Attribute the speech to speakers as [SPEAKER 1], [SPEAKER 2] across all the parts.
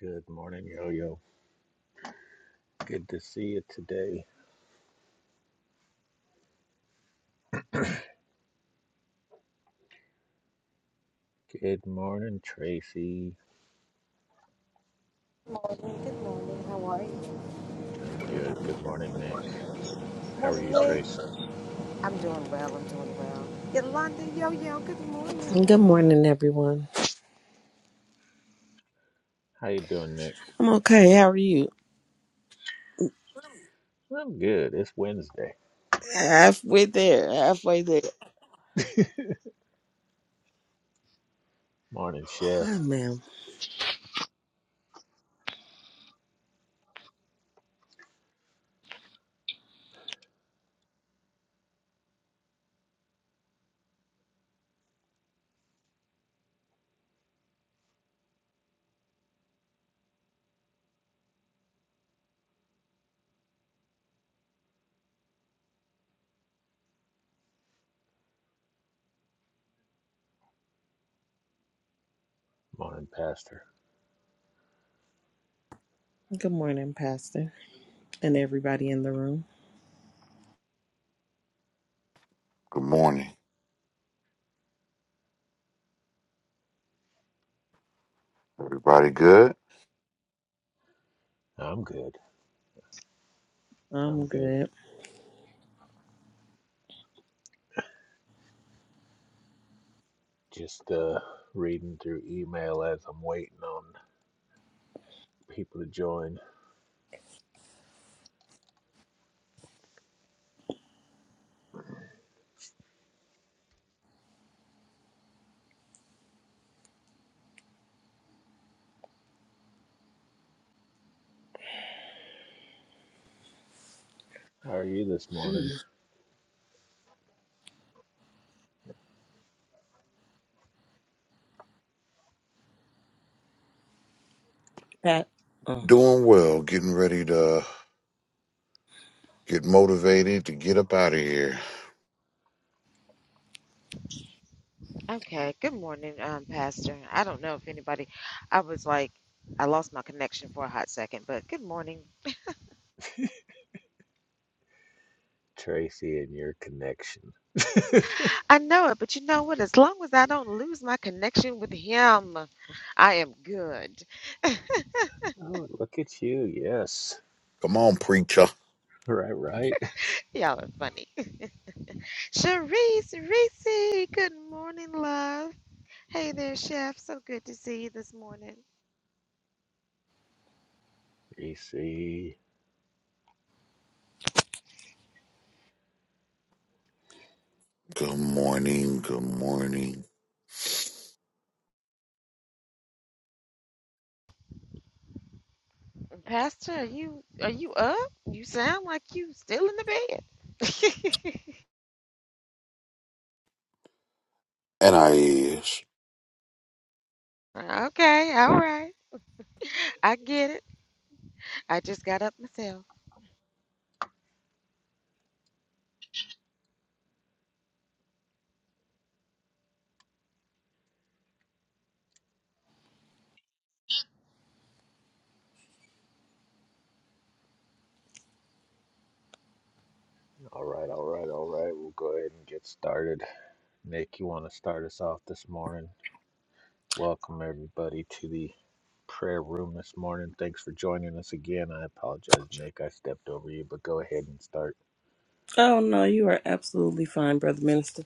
[SPEAKER 1] Good morning, Yo Yo. Good to see you today. Good morning, Tracy.
[SPEAKER 2] morning. Good morning. How are you?
[SPEAKER 1] I'm good. Good morning, Nick. How are
[SPEAKER 2] Morning,
[SPEAKER 1] you,
[SPEAKER 2] Nick.
[SPEAKER 1] Trace?
[SPEAKER 2] I'm doing well. I'm doing well. Yolanda, yo, yo, good morning.
[SPEAKER 3] Good morning, everyone.
[SPEAKER 1] How you doing, Nick?
[SPEAKER 3] I'm okay. How are you?
[SPEAKER 1] I'm good. It's Wednesday.
[SPEAKER 3] Halfway there. Halfway there.
[SPEAKER 1] Morning, Chef.
[SPEAKER 3] Hi, ma'am.
[SPEAKER 1] Morning, Pastor.
[SPEAKER 3] Good morning, Pastor, and everybody in the room.
[SPEAKER 4] Good morning. Everybody good?
[SPEAKER 1] I'm good. I'm
[SPEAKER 3] I'm
[SPEAKER 1] good.
[SPEAKER 3] good.
[SPEAKER 1] Just uh reading through email as I'm waiting on people to join. How are you this
[SPEAKER 3] Mm,
[SPEAKER 1] morning,
[SPEAKER 3] Pat. Oh.
[SPEAKER 4] Doing well, getting ready to get motivated to get up out of here.
[SPEAKER 2] Okay, good morning, um, Pastor. I don't know if anybody, I was like, I lost my connection for a hot second, but good morning.
[SPEAKER 1] Tracy and your connection?
[SPEAKER 2] I know it, but you know what? As long as I don't lose my connection with him, I am good.
[SPEAKER 1] Oh, look at you. Yes.
[SPEAKER 4] Come on, preacher.
[SPEAKER 1] Right, right.
[SPEAKER 2] Y'all are funny. Sharice, Reese, good morning, love. Hey there, Chef. So good to see you this morning.
[SPEAKER 1] EC.
[SPEAKER 4] Good morning, good morning.
[SPEAKER 2] Pastor, are you are you up? You sound like you still in the bed.
[SPEAKER 4] And I is.
[SPEAKER 2] okay, all right. I get it. I just got up myself.
[SPEAKER 1] All right, all right, all right. We'll go ahead and get started. Nick, you want to start us off this morning? Welcome, everybody, to the prayer room this morning. Thanks for joining us again. I apologize, Nick. I stepped over you, but go ahead and start.
[SPEAKER 3] oh, no, you are absolutely fine, Brother Minister.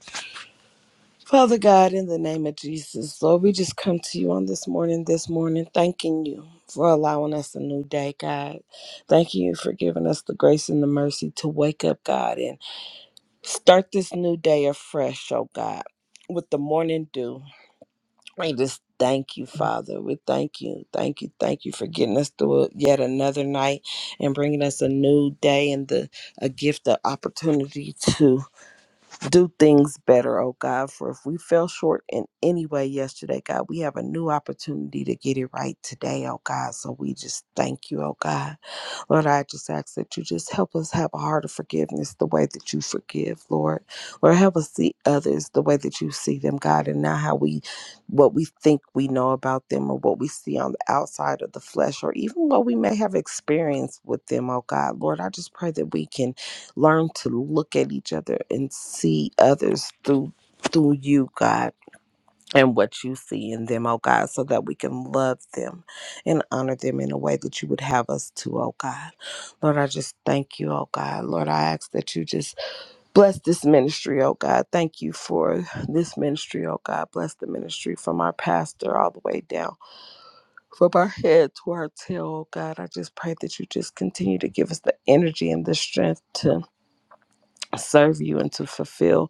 [SPEAKER 3] Father God, in the name of Jesus, Lord, we just come to you on this morning, this morning, thanking you for allowing us a new day, God. Thank you for giving us the grace and the mercy to wake up, God, and Start this new day afresh, oh God, with the morning dew. We just thank you, Father. We thank you, thank you, thank you for getting us through yet another night and bringing us a new day and the a gift of opportunity to do things better, oh God. For if we fell short in any way yesterday, God, we have a new opportunity to get it right today, oh God. So we just thank you, oh God. Lord, I just ask that you just help us have a heart of forgiveness the way that you forgive, Lord. Lord, help us see others the way that you see them, God, and not how we, what we think we know about them or what we see on the outside of the flesh or even what we may have experienced with them, oh God. Lord, I just pray that we can learn to look at each other and see others through. Through you, God and what you see in them, oh God, so that we can love them and honor them in a way that you would have us to, oh God. Lord, I just thank you, oh God. Lord, I ask that you just bless this ministry, oh God. Thank you for this ministry, oh God. Bless the ministry from our pastor all the way down from our head to our tail, oh God. I just pray that you just continue to give us the energy and the strength to serve you and to fulfill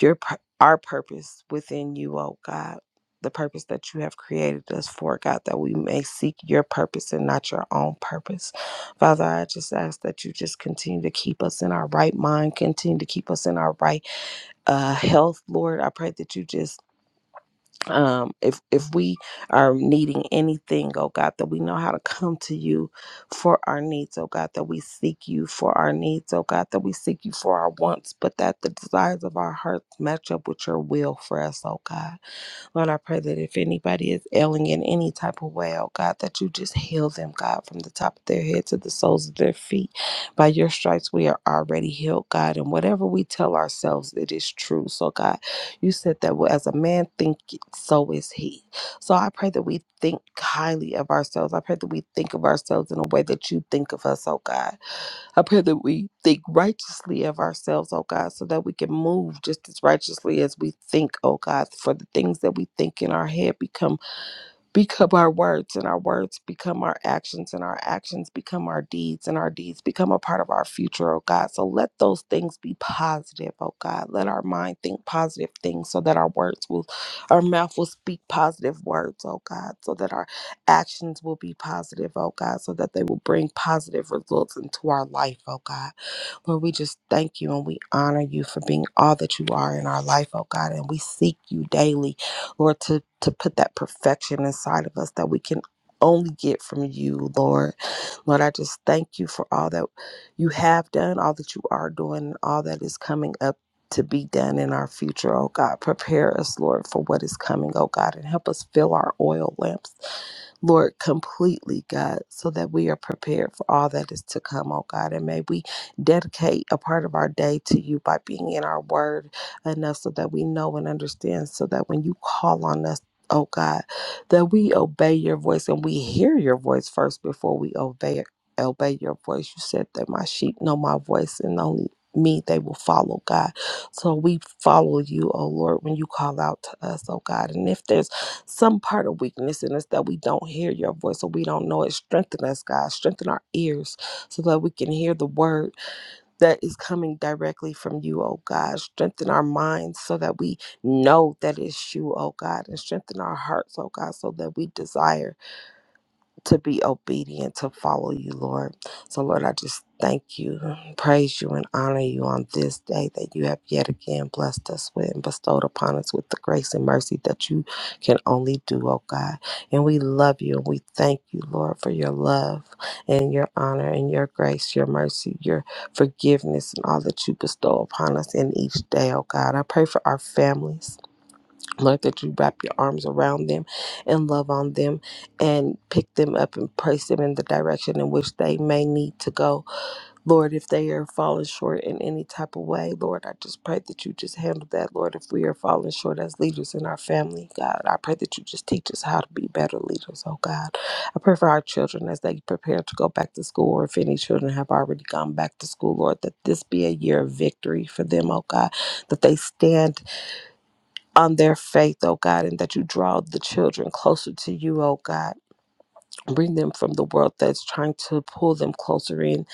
[SPEAKER 3] your pur- our purpose within you, oh God, the purpose that you have created us for, God, that we may seek your purpose and not your own purpose. Father, I just ask that you just continue to keep us in our right mind, continue to keep us in our right uh, health, Lord. I pray that you just um if if we are needing anything oh god that we know how to come to you for our needs oh god that we seek you for our needs oh god that we seek you for our wants but that the desires of our hearts match up with your will for us oh god Lord, I pray that if anybody is ailing in any type of way, oh God, that you just heal them, God, from the top of their head to the soles of their feet. By your stripes, we are already healed, God. And whatever we tell ourselves, it is true. So, God, you said that well, as a man thinketh, so is he. So I pray that we think highly of ourselves. I pray that we think of ourselves in a way that you think of us, oh God. I pray that we think righteously of ourselves, oh God, so that we can move just as righteously as we think, oh God, for the things that we think in our head become become our words and our words become our actions and our actions become our deeds and our deeds become a part of our future oh god so let those things be positive oh god let our mind think positive things so that our words will our mouth will speak positive words oh god so that our actions will be positive oh god so that they will bring positive results into our life oh god Lord, we just thank you and we honor you for being all that you are in our life, oh God. And we seek you daily, Lord, to, to put that perfection inside of us that we can only get from you, Lord. Lord, I just thank you for all that you have done, all that you are doing, and all that is coming up. To be done in our future, oh God. Prepare us, Lord, for what is coming, oh God, and help us fill our oil lamps Lord, completely, God, so that we are prepared for all that is to come, oh God. And may we dedicate a part of our day to you by being in our word enough so that we know and understand, so that when you call on us, oh God, that we obey your voice and we hear your voice first before we obey obey your voice. You said that my sheep know my voice and only me they will follow God. So we follow you, oh Lord, when you call out to us, oh God. And if there's some part of weakness in us that we don't hear your voice or we don't know it. Strengthen us, God. Strengthen our ears so that we can hear the word that is coming directly from you, oh God. Strengthen our minds so that we know that it's you, oh God. And strengthen our hearts, oh God, so that we desire to be obedient, to follow you, Lord. So, Lord, I just thank you, praise you, and honor you on this day that you have yet again blessed us with and bestowed upon us with the grace and mercy that you can only do, oh God. And we love you and we thank you, Lord, for your love and your honor and your grace, your mercy, your forgiveness, and all that you bestow upon us in each day, oh God. I pray for our families. Lord, that you wrap your arms around them and love on them and pick them up and place them in the direction in which they may need to go. Lord, if they are falling short in any type of way, Lord, I just pray that you just handle that. Lord, if we are falling short as leaders in our family, God, I pray that you just teach us how to be better leaders, oh God. I pray for our children as they prepare to go back to school, or if any children have already gone back to school, Lord, that this be a year of victory for them, oh God, that they stand on their faith, oh God, and that you draw the children closer to you, oh God. Bring them from the world that's trying to pull them closer in,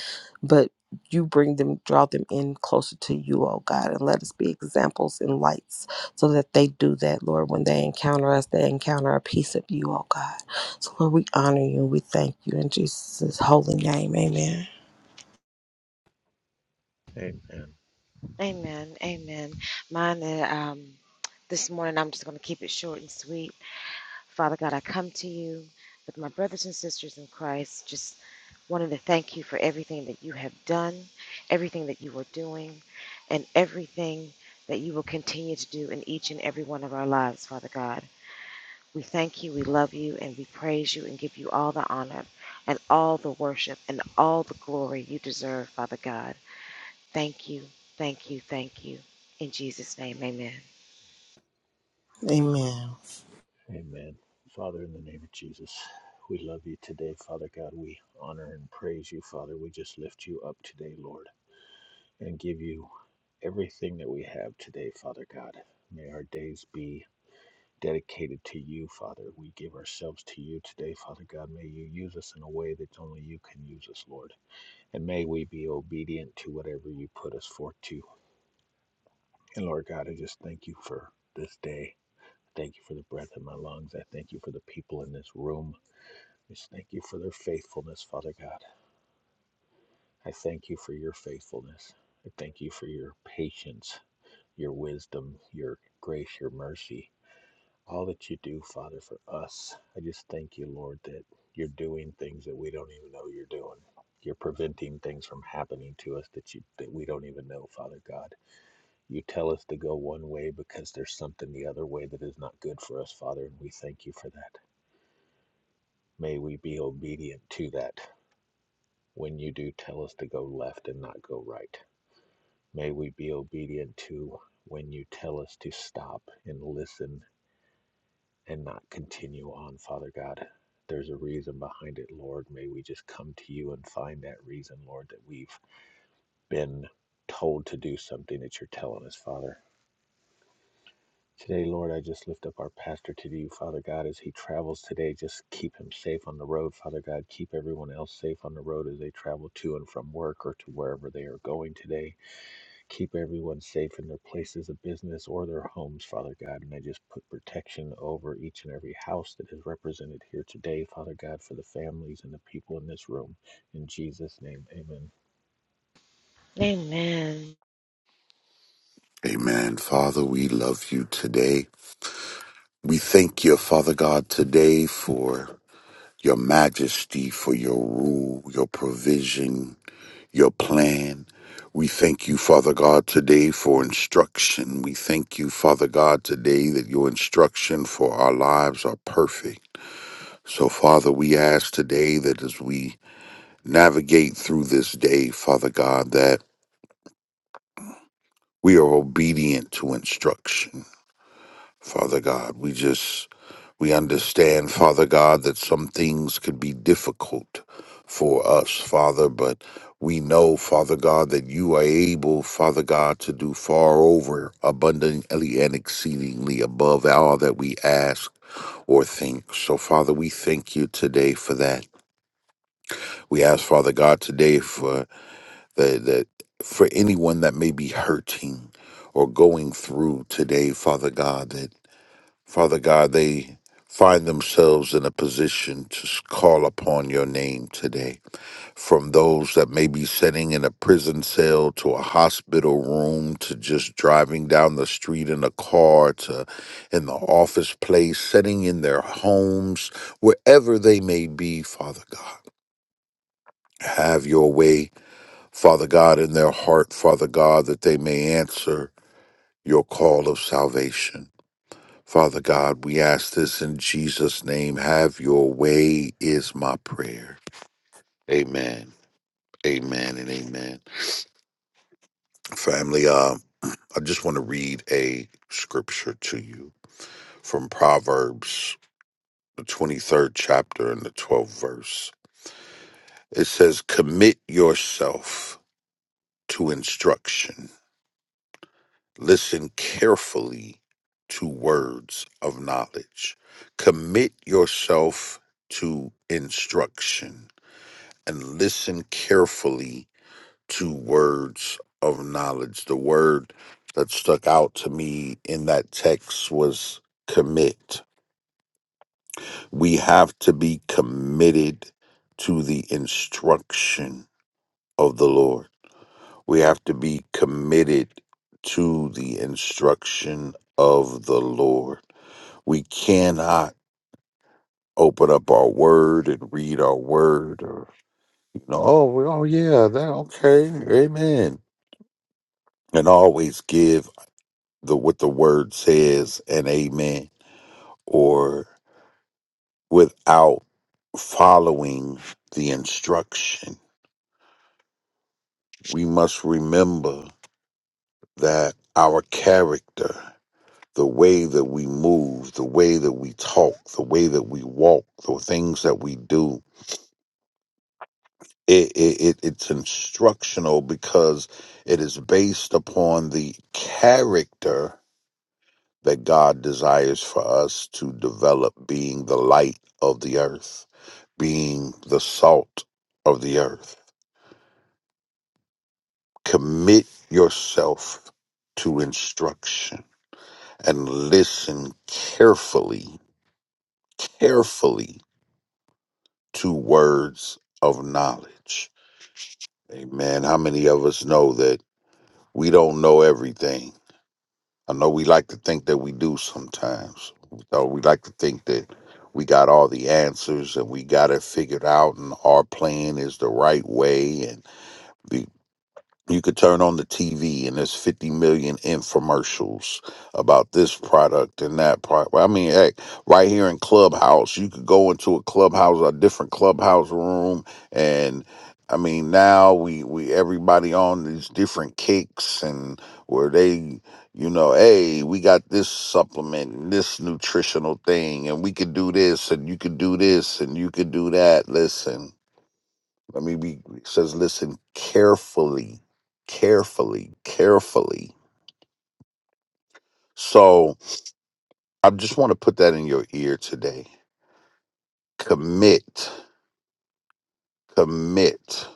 [SPEAKER 3] but you bring them, draw them in closer to you, oh God, and let us be examples and lights so that they do that, Lord. When they encounter us, they encounter a piece of you, oh God. So, Lord, we honor you we thank you in Jesus' holy name. Amen.
[SPEAKER 1] Amen.
[SPEAKER 2] Amen. Amen. Mine uh, um this morning I'm just gonna keep it short and sweet. Father God, I come to you with my brothers and sisters in Christ, just wanted to thank you for everything that you have done, everything that you are doing, and everything that you will continue to do in each and every one of our lives, Father God. We thank you, we love you, and we praise you and give you all the honor and all the worship and all the glory you deserve, Father God. Thank you, thank you, thank you. In Jesus' name, amen.
[SPEAKER 3] Amen.
[SPEAKER 1] Amen. Father, in the name of Jesus, we love you today, Father God. We honor and praise you, Father. We just lift you up today, Lord, and give you everything that we have today, Father God. May our days be dedicated to you, Father. We give ourselves to you today, Father God. May you use us in a way that only you can use us, Lord. And may we be obedient to whatever you put us forth to. And Lord God, I just thank you for this day. Thank you for the breath in my lungs. I thank you for the people in this room. Just thank you for their faithfulness, Father God. I thank you for your faithfulness. I thank you for your patience, your wisdom, your grace, your mercy. all that you do, Father, for us. I just thank you, Lord, that you're doing things that we don't even know you're doing. You're preventing things from happening to us that you that we don't even know, Father God. You tell us to go one way because there's something the other way that is not good for us, Father, and we thank you for that. May we be obedient to that when you do tell us to go left and not go right. May we be obedient to when you tell us to stop and listen and not continue on, Father God. There's a reason behind it, Lord. May we just come to you and find that reason, Lord, that we've been told to do something that you're telling us, Father. Today, Lord, I just lift up our pastor to you, Father God, as he travels today. Just keep him safe on the road, Father God. Keep everyone else safe on the road as they travel to and from work or to wherever they are going today. Keep everyone safe in their places of business or their homes, Father God. And I just put protection over each and every house that is represented here today, Father God, for the families and the people in this room. In Jesus' name, amen.
[SPEAKER 2] Amen.
[SPEAKER 4] Amen. Father, we love you today. We thank you, Father God, today for your majesty, for your rule, your provision, your plan. We thank you, Father God, today for instruction. We thank you, Father God, today that your instruction for our lives are perfect. So, Father, we ask today that as we navigate through this day, Father God, that we are obedient to instruction. Father God. We just we understand, Father God, that some things could be difficult for us, Father, but we know, Father God, that you are able, Father God, to do far over abundantly and exceedingly above all that we ask or think. So, Father, we thank you today for that. We ask, Father God, today for the, the for anyone that may be hurting or going through today, Father God, that Father God, they find themselves in a position to s- call upon your name today. From those that may be sitting in a prison cell to a hospital room to just driving down the street in a car to in the office place, sitting in their homes, wherever they may be, Father God. Have your way, Father God, in their heart, Father God, that they may answer your call of salvation. Father God, we ask this in Jesus' name. Have your way is my prayer. Amen. Amen and amen. Family, uh, I just want to read a scripture to you from Proverbs, the 23rd chapter and the 12th verse. It says, Commit yourself to instruction. Listen carefully to words of knowledge. Commit yourself to instruction and listen carefully to words of knowledge. The word that stuck out to me in that text was commit. We have to be committed to the instruction of the Lord. We have to be committed to the instruction of the Lord. We cannot open up our word and read our word or you know, oh, well, oh yeah, that okay, amen and always give the what the word says an amen or without following the instruction we must remember that our character the way that we move the way that we talk the way that we walk the things that we do it, it, it it's instructional because it is based upon the character that God desires for us to develop being the light of the earth, being the salt of the earth. Commit yourself to instruction and listen carefully, carefully to words of knowledge. Amen. How many of us know that we don't know everything? I know we like to think that we do sometimes. Or we like to think that we got all the answers and we got it figured out, and our plan is the right way. And the you could turn on the TV and there's 50 million infomercials about this product and that product. I mean, heck, right here in Clubhouse, you could go into a clubhouse, a different clubhouse room, and I mean, now we we everybody on these different kicks and where they, you know, hey, we got this supplement, and this nutritional thing, and we could do this, and you could do this, and you could do that. Listen. Let me be it says listen carefully, carefully, carefully. So I just want to put that in your ear today. Commit, commit.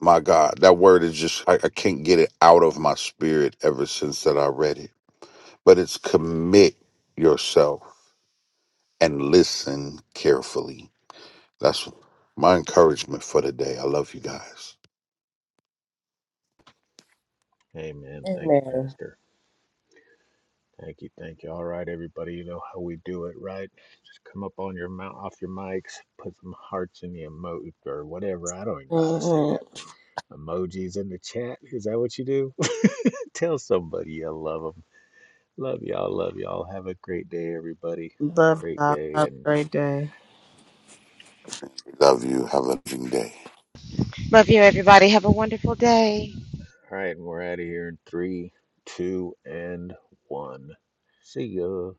[SPEAKER 4] My God, that word is just I, I can't get it out of my spirit ever since that I read it. But it's commit yourself and listen carefully. That's my encouragement for today. I love you guys.
[SPEAKER 1] Amen. Thank you,
[SPEAKER 3] Amen.
[SPEAKER 1] Pastor. Thank you, thank you. All right, everybody, you know how we do it, right? Just come up on your mount off your mics, put some hearts in the emoji or whatever. I don't even know how to say that.
[SPEAKER 3] Mm-hmm.
[SPEAKER 1] Emojis in the chat. Is that what you do? Tell somebody you love them. Love y'all. Love y'all. Have a great day, everybody.
[SPEAKER 3] Love
[SPEAKER 1] Great
[SPEAKER 3] God.
[SPEAKER 1] day.
[SPEAKER 3] Have
[SPEAKER 1] And
[SPEAKER 3] a great day.
[SPEAKER 4] Love you. Have a loving day.
[SPEAKER 2] Love you, everybody. Have a wonderful day.
[SPEAKER 1] all right, and we're out of here in three, two, and one. See ya.